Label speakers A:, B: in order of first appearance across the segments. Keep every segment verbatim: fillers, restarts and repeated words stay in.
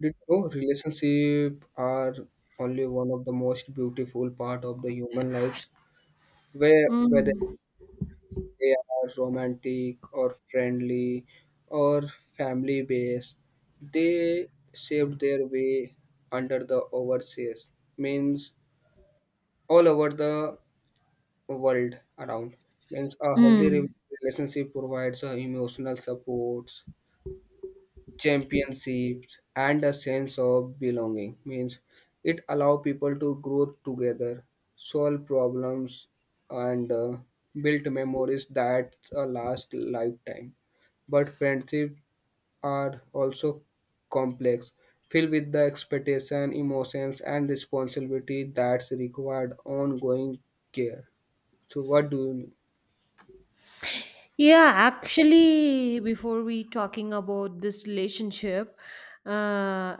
A: Did you know relationship are only one of the most beautiful part of the human lives, where whether
B: Mm,
A: they are romantic or friendly or family based, they saved their way under the overseas means all over the world around means a healthy re-
B: mm.
A: relationship provides a emotional support championships and a sense of belonging means it allow people to grow together solve problems and uh, build memories that uh, last lifetime but friendships are also complex filled with the expectation emotions and responsibility that's required ongoing care. So what do you?
B: Yeah, actually, before we talking about this relationship, uh,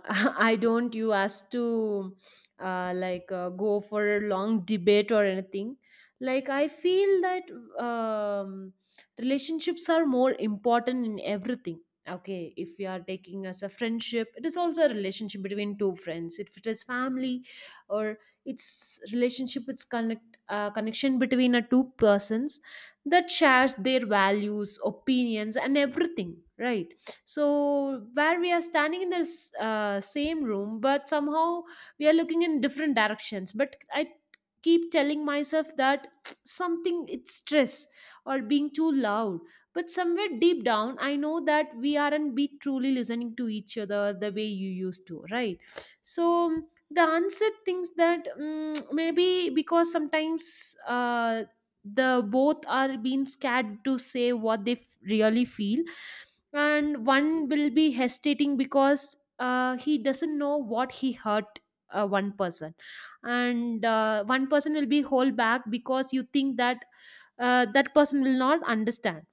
B: I don't you asked to uh, like uh, go for a long debate or anything. Like I feel that um, relationships are more important in everything. Okay, if you are taking as a friendship, it is also a relationship between two friends. If it is family, or it's relationship, it's connect uh, connection between a two persons that shares their values opinions and everything, right? So where we are standing in the s- uh, same room, but somehow we are looking in different directions, but I keep telling myself that something it's stress or being too loud, but somewhere deep down I know that we aren't be truly listening to each other the way you used to, right? So the answer things that mm maybe because sometimes uh, the both are being scared to say what they f- really feel, and one will be hesitating because uh, he doesn't know what he hurt, uh, one person. And uh, one person will be hold back because you think that uh, that person will not understand.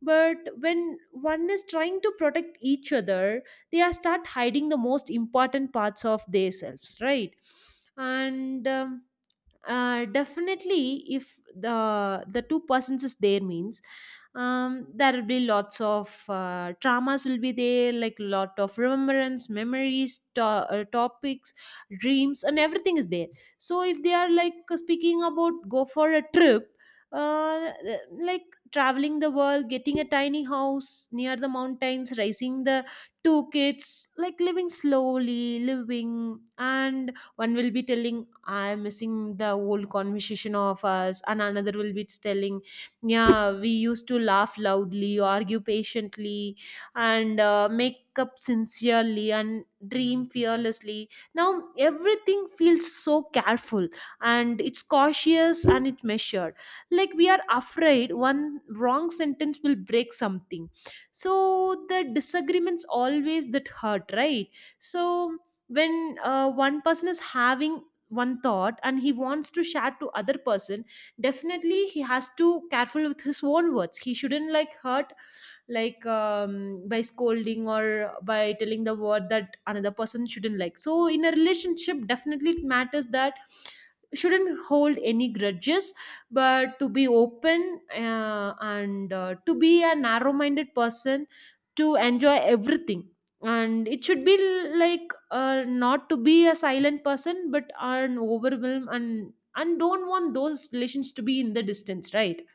B: But when one is trying to protect each other, they are start hiding the most important parts of themselves, right? And um, uh, definitely, if the the two persons is there means um, there will be lots of uh, traumas will be there, like lot of remembrance, memories, to- uh, topics, dreams, and everything is there. So if they are like speaking about go for a trip, uh, like traveling the world, getting a tiny house near the mountains, raising the two kids, like living slowly, living, and one will be telling I'm missing the old conversation of us. And another will be telling, yeah, we used to laugh loudly, argue patiently, and uh, make up sincerely and dream fearlessly. Now everything feels so careful and it's cautious and it measured. Like we are afraid one wrong sentence will break something. So the disagreements always that hurt, right? So when uh, one person is having one thought and he wants to share to other person, definitely he has to careful with his own words, he shouldn't like hurt, like um, by scolding or by telling the word that another person shouldn't like. So in a relationship, definitely it matters that shouldn't hold any grudges, but to be open uh, and uh, to be a narrow minded person, to enjoy everything, and it should be l- like uh, not to be a silent person but an overwhelm, and and don't want those relations to be in the distance, right?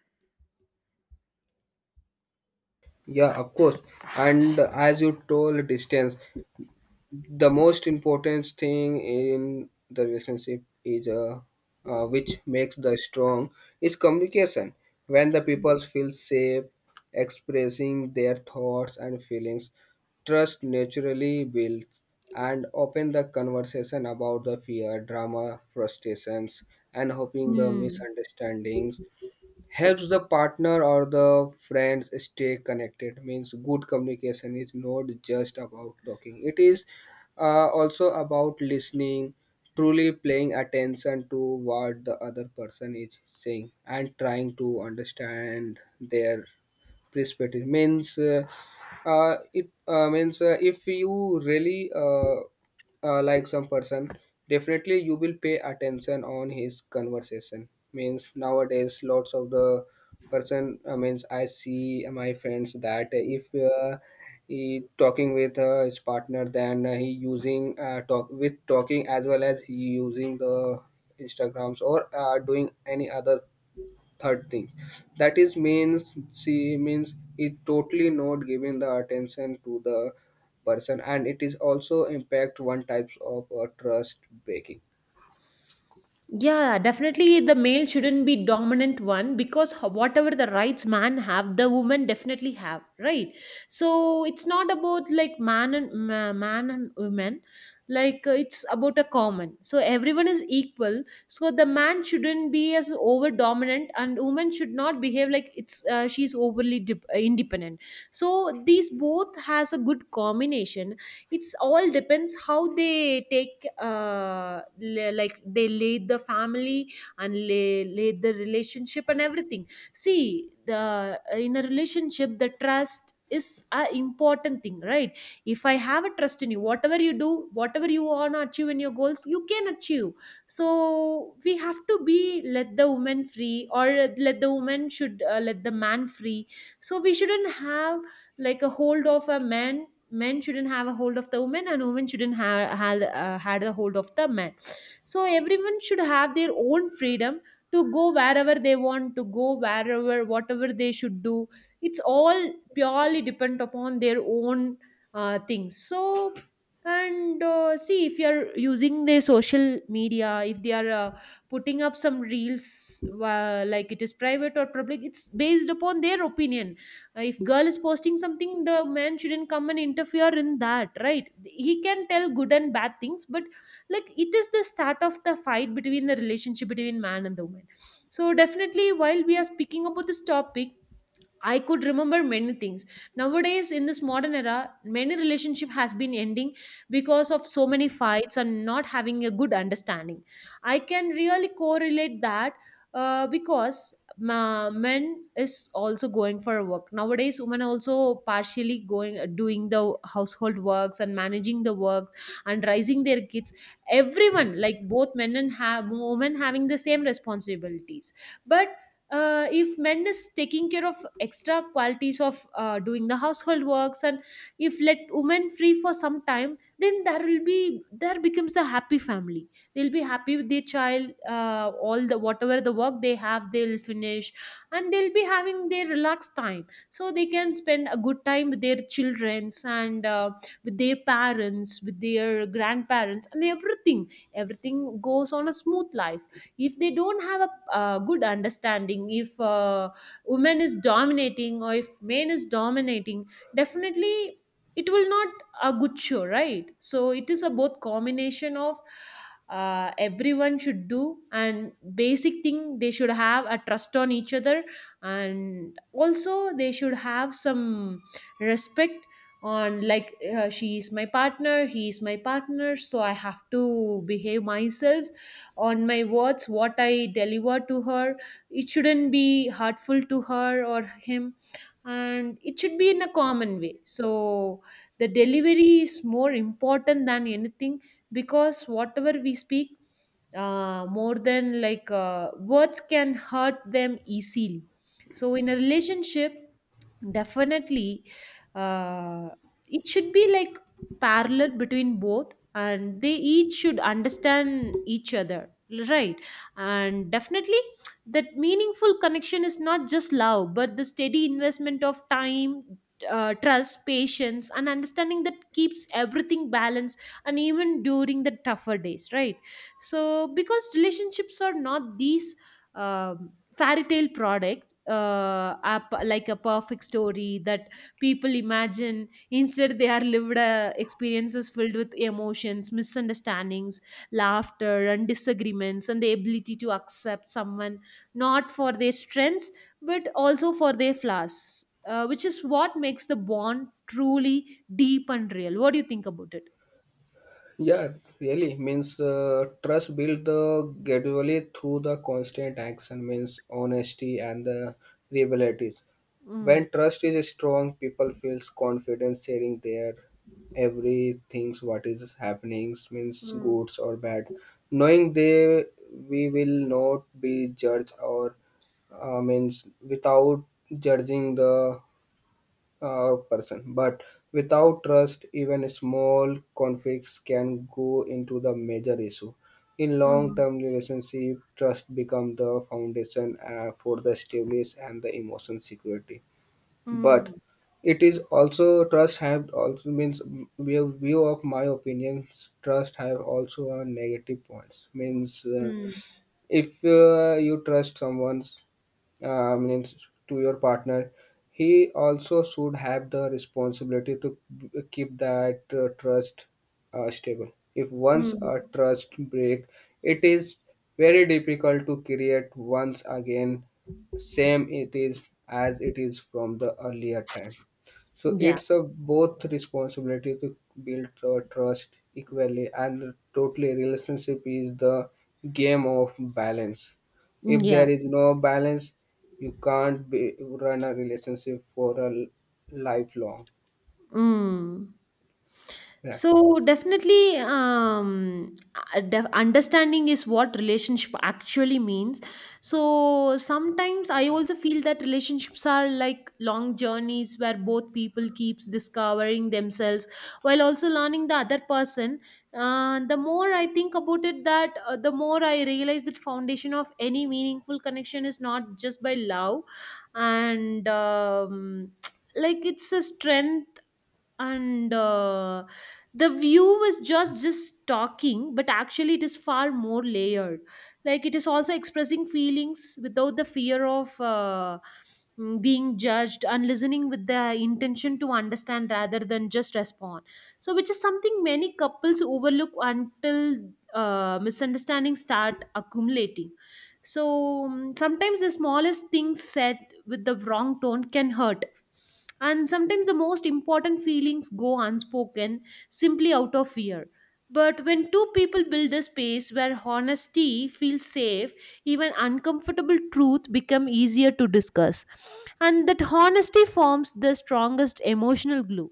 A: Yeah, of course. And as you told distance, the most important thing in the relationship is uh, uh, which makes the strong is communication. When the people feel safe expressing their thoughts and feelings, trust naturally builds and open the conversation about the fear drama frustrations and hoping the
B: Hmm.
A: misunderstandings helps the partner or the friends stay connected means good communication is not just about talking, it is uh, also about listening, truly paying attention to what the other person is saying and trying to understand their perspective means uh, uh, it uh, means uh, if you really uh, uh, like some person, definitely you will pay attention on his conversation means nowadays lots of the person uh, means I see my friends that if uh, he talking with uh, his partner then uh, he using uh, talk with talking as well as he using the instagrams or uh, doing any other third thing that is means she means it totally not giving the attention to the person and it is also impact one types of uh, trust breaking.
B: Yeah, definitely the male shouldn't be dominant one because ho- whatever the rights man have, the woman definitely have, right? So it's not about like man and ma- man and women, like uh, it's about a common. So everyone is equal. So the man shouldn't be as over dominant, and woman should not behave like it's uh, she's overly dip- uh, independent. So these both has a good combination, it's all depends how they take uh, la- like they lead the family, and lay, lay the relationship and everything. See, the uh, in a relationship the trust is a important thing, right? If I have a trust in you, whatever you do, whatever you want to achieve in your goals you can achieve. So we have to be, let the woman free, or let the woman should uh, let the man free. So we shouldn't have like a hold of a man, men shouldn't have a hold of the women, and women shouldn't have had, uh, had a hold of the men. So everyone should have their own freedom to go wherever they want to go, wherever whatever they should do, it's all purely depend upon their own uh, things. So and uh, see, if you're using the social media, if they are uh, putting up some reels, uh, like it is private or public, it's based upon their opinion. Uh, if girl is posting something, the man shouldn't come and interfere in that, right? He can tell good and bad things, but like it is the start of the fight between the relationship between man and the woman. So definitely while we are speaking about this topic, I could remember many things. Nowadays, in this modern era, many relationship has been ending because of so many fights and not having a good understanding. I can really correlate that, uh, because ma- men is also going for work nowadays. Women also partially going doing the household works and managing the work and raising their kids. Everyone, like both men and have women, having the same responsibilities, but uh, if men is taking care of extra qualities of uh, doing the household works, and if let women free for some time, then there will be, there becomes the happy family. They'll be happy with their child, uh, all the whatever the work they have they'll finish, and they'll be having their relaxed time, so they can spend a good time with their childrens and uh, with their parents, with their grandparents, and everything. Everything goes on a smooth life. If they don't have a uh, good understanding, if uh, women is dominating or if men is dominating, definitely it will not a good show, right? So it is a both combination of uh, everyone should do, and basic thing, they should have a trust on each other, and also they should have some respect on, like uh, she is my partner, he is my partner, so I have to behave myself on my words what I deliver to her. It shouldn't be hurtful to her or him, and it should be in a common way. So the delivery is more important than anything, because whatever we speak, uh, more than like uh, words can hurt them easily. So in a relationship, definitely, uh, it should be like parallel between both and they each should understand each other, right? And definitely that meaningful connection is not just love but the steady investment of time, uh, trust, patience, and understanding that keeps everything balanced and even during the tougher days, right? So because relationships are not these um fairy tale products, uh, are p- like a perfect story that people imagine. Instead they are lived uh, experiences filled with emotions, misunderstandings, laughter, and disagreements, and the ability to accept someone not for their strengths but also for their flaws, uh, which is what makes the bond truly deep and real. What do you think about it?
A: Yeah, really means uh, trust built uh, gradually through the constant action means honesty and the reliability.
B: Mm.
A: When trust is strong, people feels confident sharing their everything what is happening means
B: Mm.
A: goods or bad, knowing they we will not be judged or uh, means without judging the uh, person. But without trust, even small conflicts can go into the major issue. In
B: Mm-hmm.
A: long-term relationship, trust becomes the foundation uh, for the stability and the emotion security.
B: Mm.
A: But it is also trust have also means mm, view view of my opinions. Trust have also a negative points. Means uh,
B: Mm.
A: if uh, you trust someone uh, means to your partner he also should have the responsibility to b- keep that uh, trust uh, stable. If
B: Mm.
A: once
B: Mm.
A: a trust break, it is very difficult to create once again same it is as it is from the earlier time, so
B: Yeah.
A: it's a both responsibility to build tr- trust equally and totally relationship is the game of balance.
B: Mm.
A: If
B: Yeah.
A: there is no balance, you can't be, run a relationship for a l- lifelong.
B: Mm.
A: Yeah,
B: So definitely, um, uh, def- understanding is what relationship actually means. So sometimes I also feel that relationships are like long journeys where both people keeps discovering themselves while also learning the other person. Uh, the more I think about it, that uh, the more I realize that foundation of any meaningful connection is not just by love, and um, like it's a strength, and uh, the view is just just talking, but actually it is far more layered. Like it is also expressing feelings without the fear of uh, mm, being judged, and listening with the intention to understand rather than just respond. So which is something many couples overlook until uh, misunderstandings start accumulating. So mm, sometimes the smallest things said with the wrong tone can hurt, and sometimes the most important feelings go unspoken simply out of fear. But when two people build a space where honesty feels safe, even uncomfortable truth become easier to discuss, and that honesty forms the strongest emotional glue.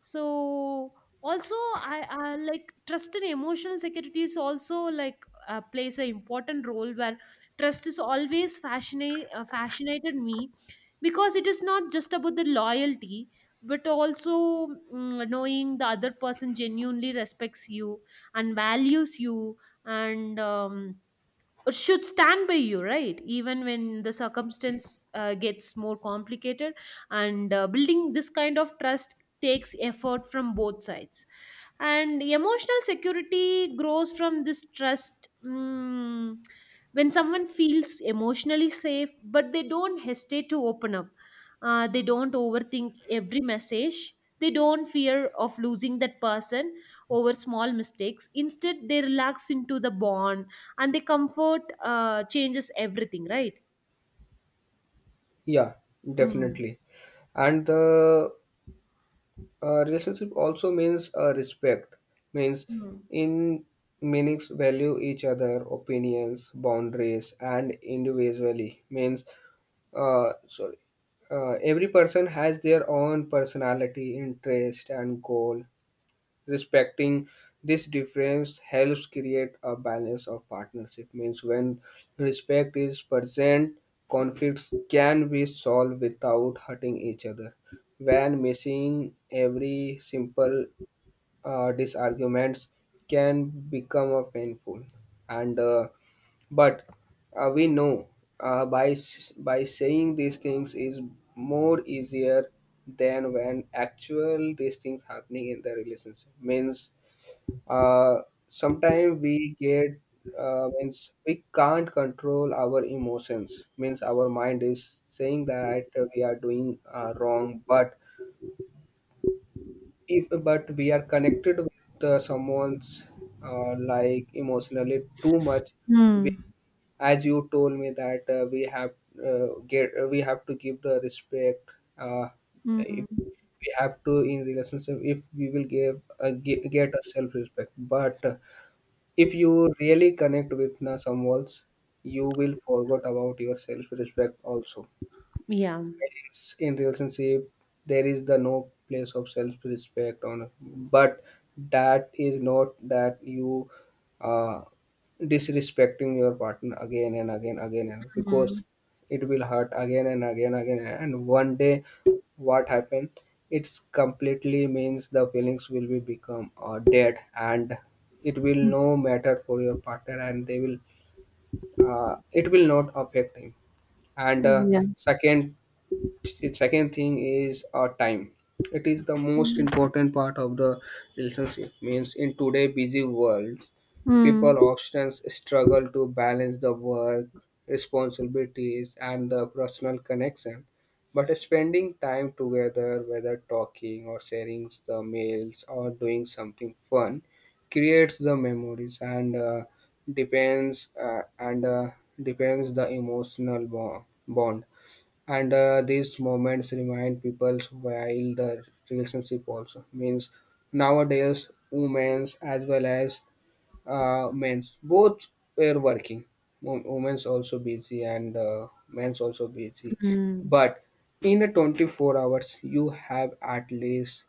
B: So also, i, I like trust and emotional security is also like uh, plays an important role, where trust is always fascinate uh, fascinated me, because it is not just about the loyalty but also, mm, knowing the other person genuinely respects you and values you, and um, should stand by you, right? Even when the circumstance uh, gets more complicated, and uh, building this kind of trust takes effort from both sides, and emotional security grows from this trust mm, When someone feels emotionally safe, but they don't hesitate to open up, uh, they don't overthink every message, they don't fear of losing that person over small mistakes, instead they relax into the bond, and the comfort uh, changes everything, right?
A: yeah,
B: Mm.
A: definitely. And the uh, relationship also means uh, respect. Means
B: Mm.
A: in meanings value each other opinions boundaries and individually means uh, sorry, uh, every person has their own personality, interest, and goal. Respecting this difference helps create a balance of partnership. Means when respect is present, conflicts can be solved without hurting each other. When missing, every simple uh, these arguments can become uh, painful and uh, but uh, we know uh, by s- by saying these things is more easier than when actual these things happening in the relationship means uh, sometimes we get uh, means we can't control our emotions means our mind is saying that we are doing uh, wrong but if but we are connected with uh, someone's uh, like emotionally too much, we,
B: Hmm.
A: as you told me that uh, we have uh, get uh, we have to give the respect uh,
B: Hmm.
A: if we have to in relationship if we will give uh, ge- get a self respect but uh, if you really connect with uh, someone else you will forget about your self respect also.
B: Yeah.
A: In relationship there is the no place of self-respect on, but that is not that you uh, disrespecting your partner again and again again and
B: Hmm.
A: because it will hurt again and again again and one day what happened it's completely means the feelings will be become uh, dead and it will no matter for your partner and they will uh, it will not affect him and uh,
B: Yeah.
A: second second thing is our time. It is the most important part of the relationship means in today busy world
B: Hmm.
A: people often struggle to balance the work responsibilities and the personal connection but spending time together whether talking or sharing the meals or doing something fun creates the memories and uh, depends uh, and uh, depends the emotional bo- bond and uh, these moments remind people while the relationship also means nowadays women's as well as uh, men's both were working. Wo- women's also busy and uh, men's also busy,
B: Mm.
A: but in a twenty-four hours you have at least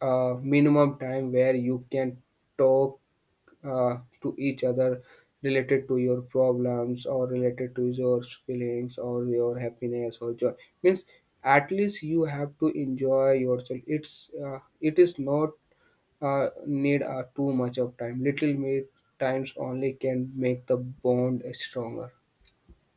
A: a minimum time where you can talk uh, to each other related to your problems or related to your feelings or your happiness or joy means at least you have to enjoy yourself. It's uh, it is not uh, need uh, too much of time, little bit times only can make the bond stronger.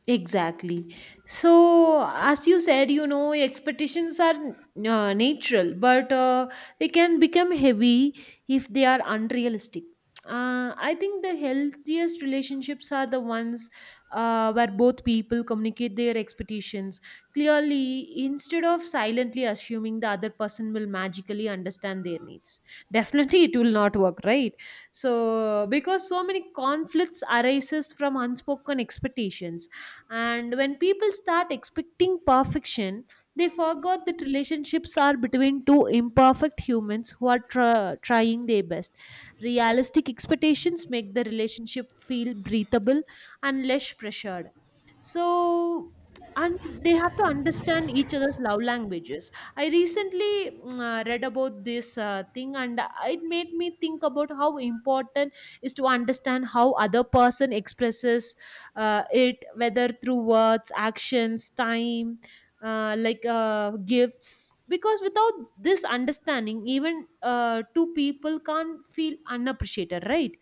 B: Exactly. So, as you said, you know, expectations are uh, natural, but uh, they can become heavy if they are unrealistic. Uh, I think the healthiest relationships are the ones uh, where both people communicate their expectations clearly, instead of silently assuming the other person will magically understand their needs. Definitely, it will not work, right? So, because so many conflicts arises from unspoken expectations, and when people start expecting perfection, they forgot that relationships are between two imperfect humans who are tr- trying their best. Realistic expectations make the relationship feel breathable and less pressured. So, and they have to understand each other's love languages. I recently mm, uh, read about this uh, thing, and it made me think about how important is to understand how other person expresses uh, it, whether through words, actions, time, uh, like uh, gifts, because without this understanding even uh, two people can't feel unappreciated, right?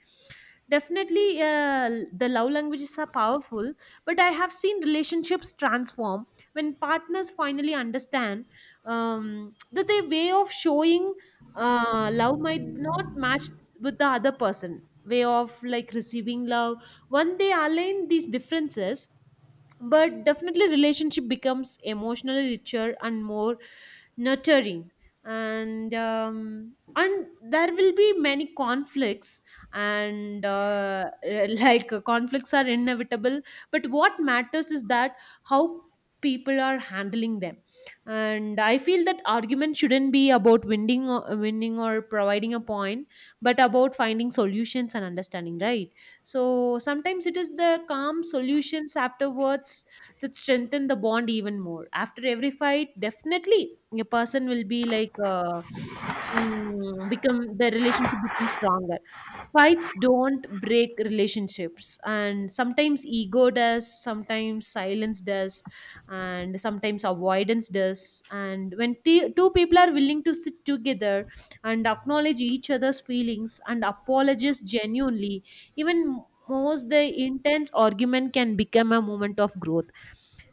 B: Definitely uh, the love languages are powerful, but I have seen relationships transform when partners finally understand um, that their way of showing uh, love might not match with the other person way of like receiving love. When they align these differences, but definitely relationship becomes emotionally richer and more nurturing. And um, and there will be many conflicts, and uh, like uh, conflicts are inevitable, but what matters is that how people are handling them. And I feel that argument shouldn't be about winning or winning or providing a point, but about finding solutions and understanding, right? So sometimes it is the calm solutions afterwards that strengthen the bond even more. After every fight, definitely a person will be like, uh, mm, become the relationship becomes stronger. Fights don't break relationships, and sometimes ego does, sometimes silence does, and sometimes avoidance does. And when t- two people are willing to sit together and acknowledge each other's feelings and apologize genuinely, even most the intense argument can become a moment of growth.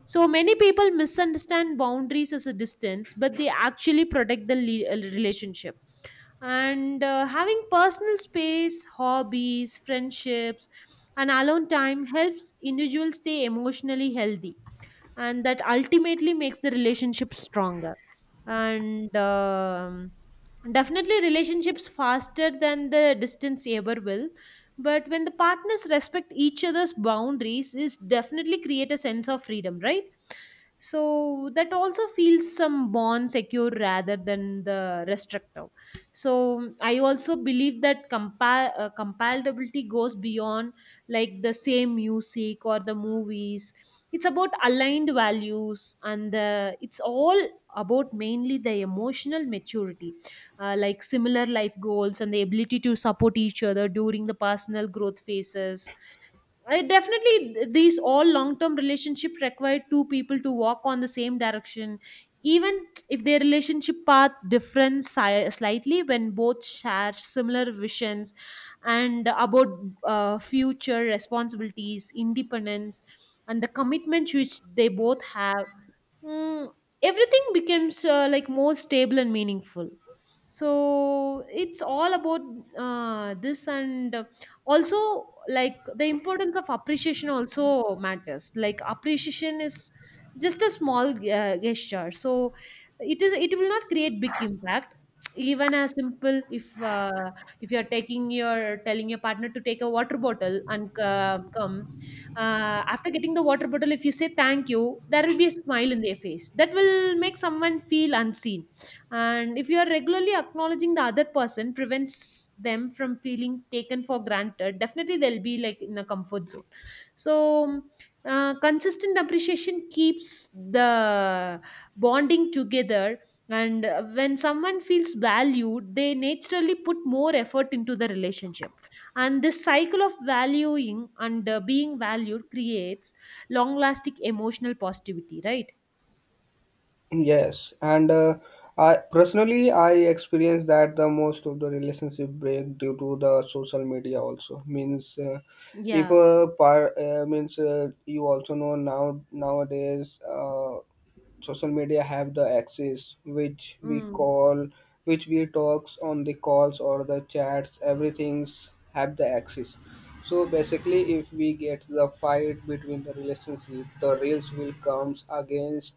B: So many people misunderstand boundaries as a distance, but they actually protect the le- uh, relationship. And uh, having personal space, hobbies, friendships, and alone time helps individuals stay emotionally healthy, and that ultimately makes the relationship stronger. And um, definitely relationships faster than the distance ever will, but when the partners respect each other's boundaries is definitely create a sense of freedom, right? So that also feels some bond secure rather than the restrictive. So I also believe that compa- uh, compatibility goes beyond like the same music or the movies. It's about aligned values and the, it's all about mainly the emotional maturity, uh, like similar life goals and the ability to support each other during the personal growth phases. I definitely th- these all long-term relationship require two people to walk on the same direction, even if their relationship path differs si- slightly. When both share similar visions and about uh, future responsibilities, independence, and the commitment which they both have, mm, everything becomes uh, like more stable and meaningful. So it's all about uh, this and uh, also like the importance of appreciation also matters. Like appreciation is just a small uh, gesture, so it is it will not create big impact. Even as simple if uh, if you are taking your telling your partner to take a water bottle and uh, come, uh, after getting the water bottle, if you say thank you, there will be a smile in their face that will make someone feel unseen. And if you are regularly acknowledging the other person, prevents them from feeling taken for granted, definitely they'll be like in a comfort zone. So uh, consistent appreciation keeps the bonding together. And uh, when someone feels valued, they naturally put more effort into the relationship, and this cycle of valuing and uh, being valued creates long lasting emotional positivity, right?
A: Yes, and uh, I personally I experienced that the most of the relationship break due to the social media also means uh, if
B: Yeah.
A: uh, par, uh, means uh, you also know now nowadays uh, social media have the access which we
B: Mm.
A: call which we talks on the calls or the chats everything's have the access. So basically if we get the fight between the relationship, the reels will comes against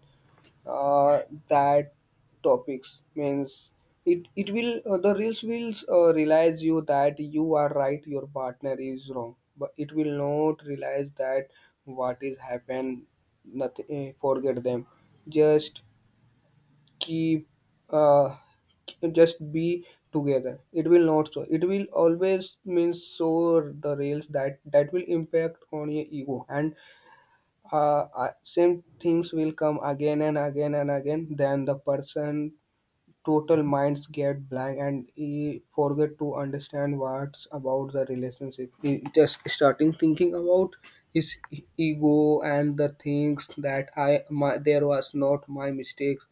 A: uh, that topics means it it will uh, the reels will uh, realize you that you are right your partner is wrong, but it will not realize that what is happened nothing. Eh, forget them, just keep uh, just be together. It will not, so it will always means so the reels that that will impact on your ego and uh, I- same things will come again and again and again, then the person total minds get blank and he forget to understand what's about the relationship, he just starting thinking about his e- ego and the things that I my there was not my mistakes,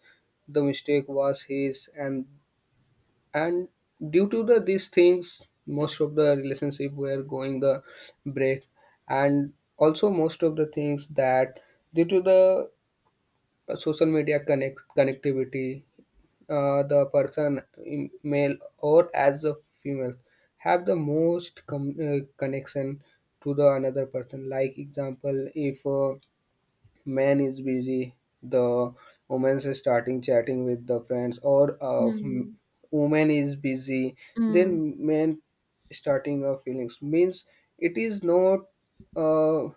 A: the mistake was his, and and due to the these things most of the relationship were going the break. And also most of the things that due to the social media connect connectivity uh, the person in male or as a female have the most com- uh, connection to the another person, like example if uh, man is busy, the woman is starting chatting with the friends, or uh, m-
B: Mm.
A: woman is busy,
B: Mm.
A: then man starting of feelings means it is not uh,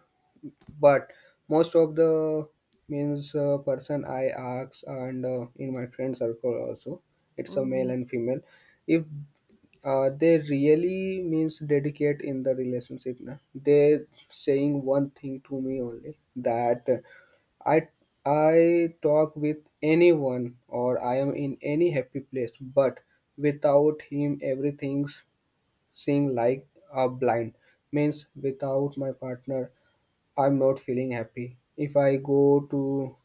A: but most of the means uh, person I ask and uh, in my friend circle also it's a male
B: Mm.
A: and female if uh, they really means dedicate in the relationship na they saying one thing to me only that I I talk with anyone or I am in any happy place, but without him everything's seeing like a blind. Means without my partner I'm not feeling happy. If I go to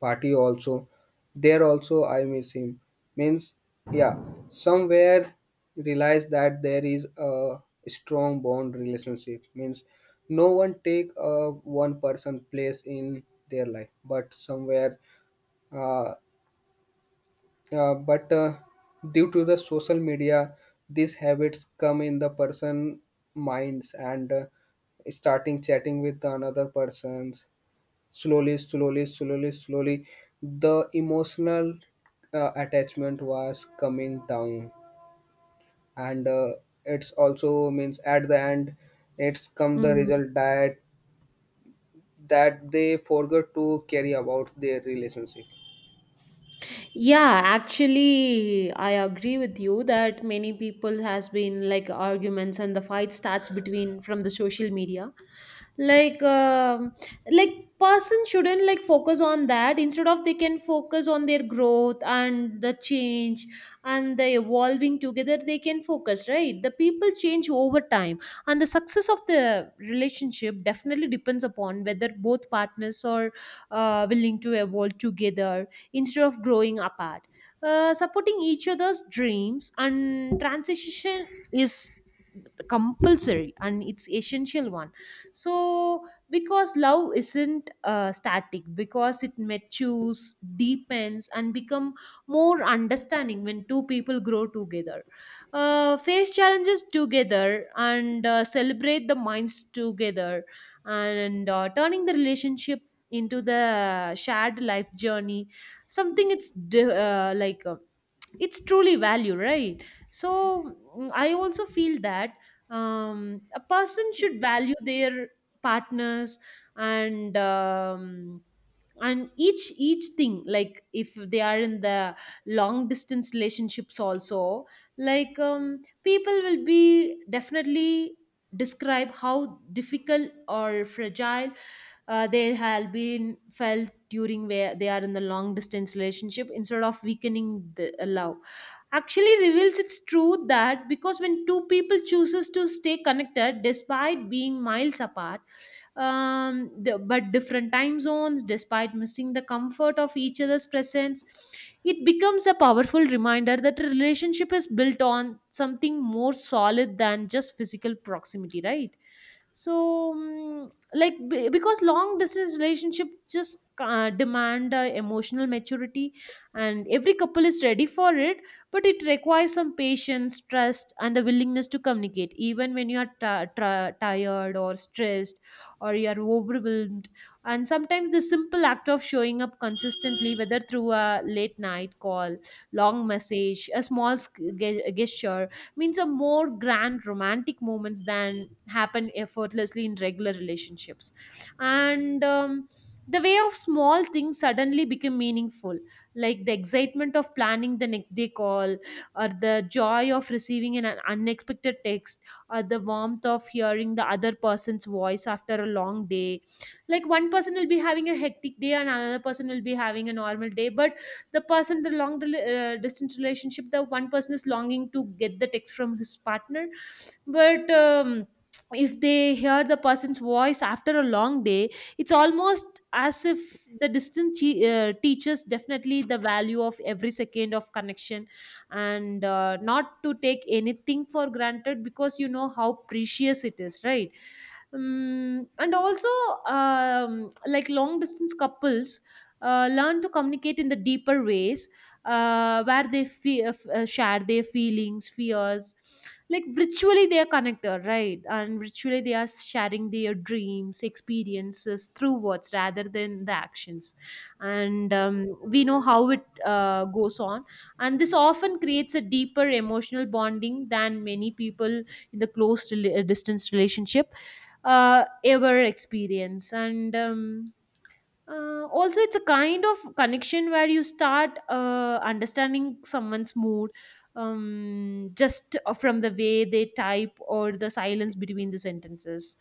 A: party also, there also I miss him. Means, yeah, somewhere realize that there is a strong bond relationship. Means, no one take a one person place in their life, but somewhere, uh, uh, but uh, due to the social media, these habits come in the person minds and uh, starting chatting with another persons slowly slowly slowly slowly the emotional uh, attachment was coming down and uh, it's also means at the end it's come the
B: Mm.
A: result that that they forgot to carry about their relationship
B: Yeah, actually, I agree with you that many people has been like arguments and the fight starts between from the social media. like um like person shouldn't like focus on that. Instead of they can focus on their growth and the change and the evolving together, they can focus, right? The people change over time, and the success of the relationship definitely depends upon whether both partners are uh, willing to evolve together instead of growing apart. Uh, supporting each other's dreams and transition is compulsory, and it's essential one. So because love isn't uh, static, because it matures, deepens and become more understanding when two people grow together, uh, face challenges together, and uh, celebrate the minds together, and uh, turning the relationship into the shared life journey, something it's di- uh, like um, it's truly value, right? So mm, I also feel that um, a person should value their partners. And um, and each each thing, like if they are in the long distance relationships also, like um, people will be definitely describe how difficult or fragile uh, they have been felt during where they are in the long distance relationship. Instead of weakening the uh, love, actually reveals its truth, that because when two people chooses to stay connected despite being miles apart, um, d- but different time zones, despite missing the comfort of each other's presence. It becomes a powerful reminder that a relationship is built on something more solid than just physical proximity, right? So mm, like be- because long distance relationship just uh, demand uh, emotional maturity and every couple is ready for it, but it requires some patience, trust, and the willingness to communicate even when you are ti- tired or stressed, or you are overwhelmed. And sometimes the simple act of showing up consistently, whether through a late night call, long message, a small sk- ge- gesture, means a more grand romantic moments than happen effortlessly in regular relationships. And um, The way of small things suddenly become meaningful, like the excitement of planning the next day call, or the joy of receiving an unexpected text, or the warmth of hearing the other person's voice after a long day. Like one person will be having a hectic day and another person will be having a normal day, but the person the long rela- uh, distance relationship, the one person is longing to get the text from his partner. But um if they hear the person's voice after a long day, it's almost as if the distance che- uh, teaches definitely the value of every second of connection, and uh, not to take anything for granted because you know how precious it is, right? Um, and also, um, like long distance couples uh, learn to communicate in the deeper ways, uh, where they fe- uh, f- uh, share their feelings, fears. Like virtually they are connected, right? And virtually they are sharing their dreams, experiences through words rather than the actions. And um, we know how it uh, goes on. And this often creates a deeper emotional bonding than many people in the close rela- distance relationship uh, ever experience. And um, uh, Also, it's a kind of connection where you start uh, understanding someone's mood, um, just uh, from the way they type or the silence between the sentences.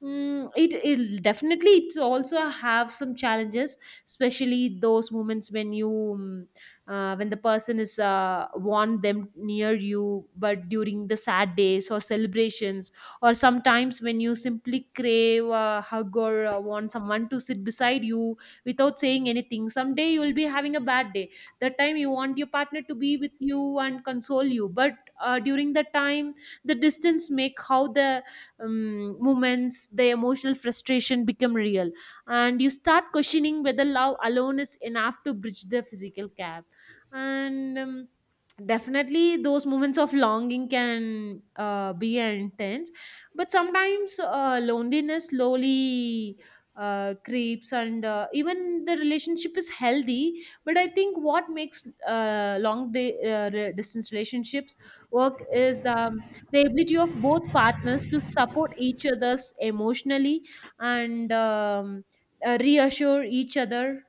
B: Mm, it it definitely it's also have some challenges, especially those moments when you um, uh, when the person is uh, want them near you, but during the sad days or celebrations, or sometimes when you simply crave a hug, or uh, want someone to sit beside you without saying anything. Someday you will be having a bad day. That time you want your partner to be with you and console you, but uh, during that time, the distance make how the um, moments the emotional frustration become real, and you start questioning whether love alone is enough to bridge the physical gap. And um, Definitely those moments of longing can uh, be intense, but sometimes uh, loneliness slowly uh, creeps and uh, even the relationship is healthy. But I think what makes uh, long day, uh, re- distance relationships work is um, the ability of both partners to support each other's emotionally, and um, uh, reassure each other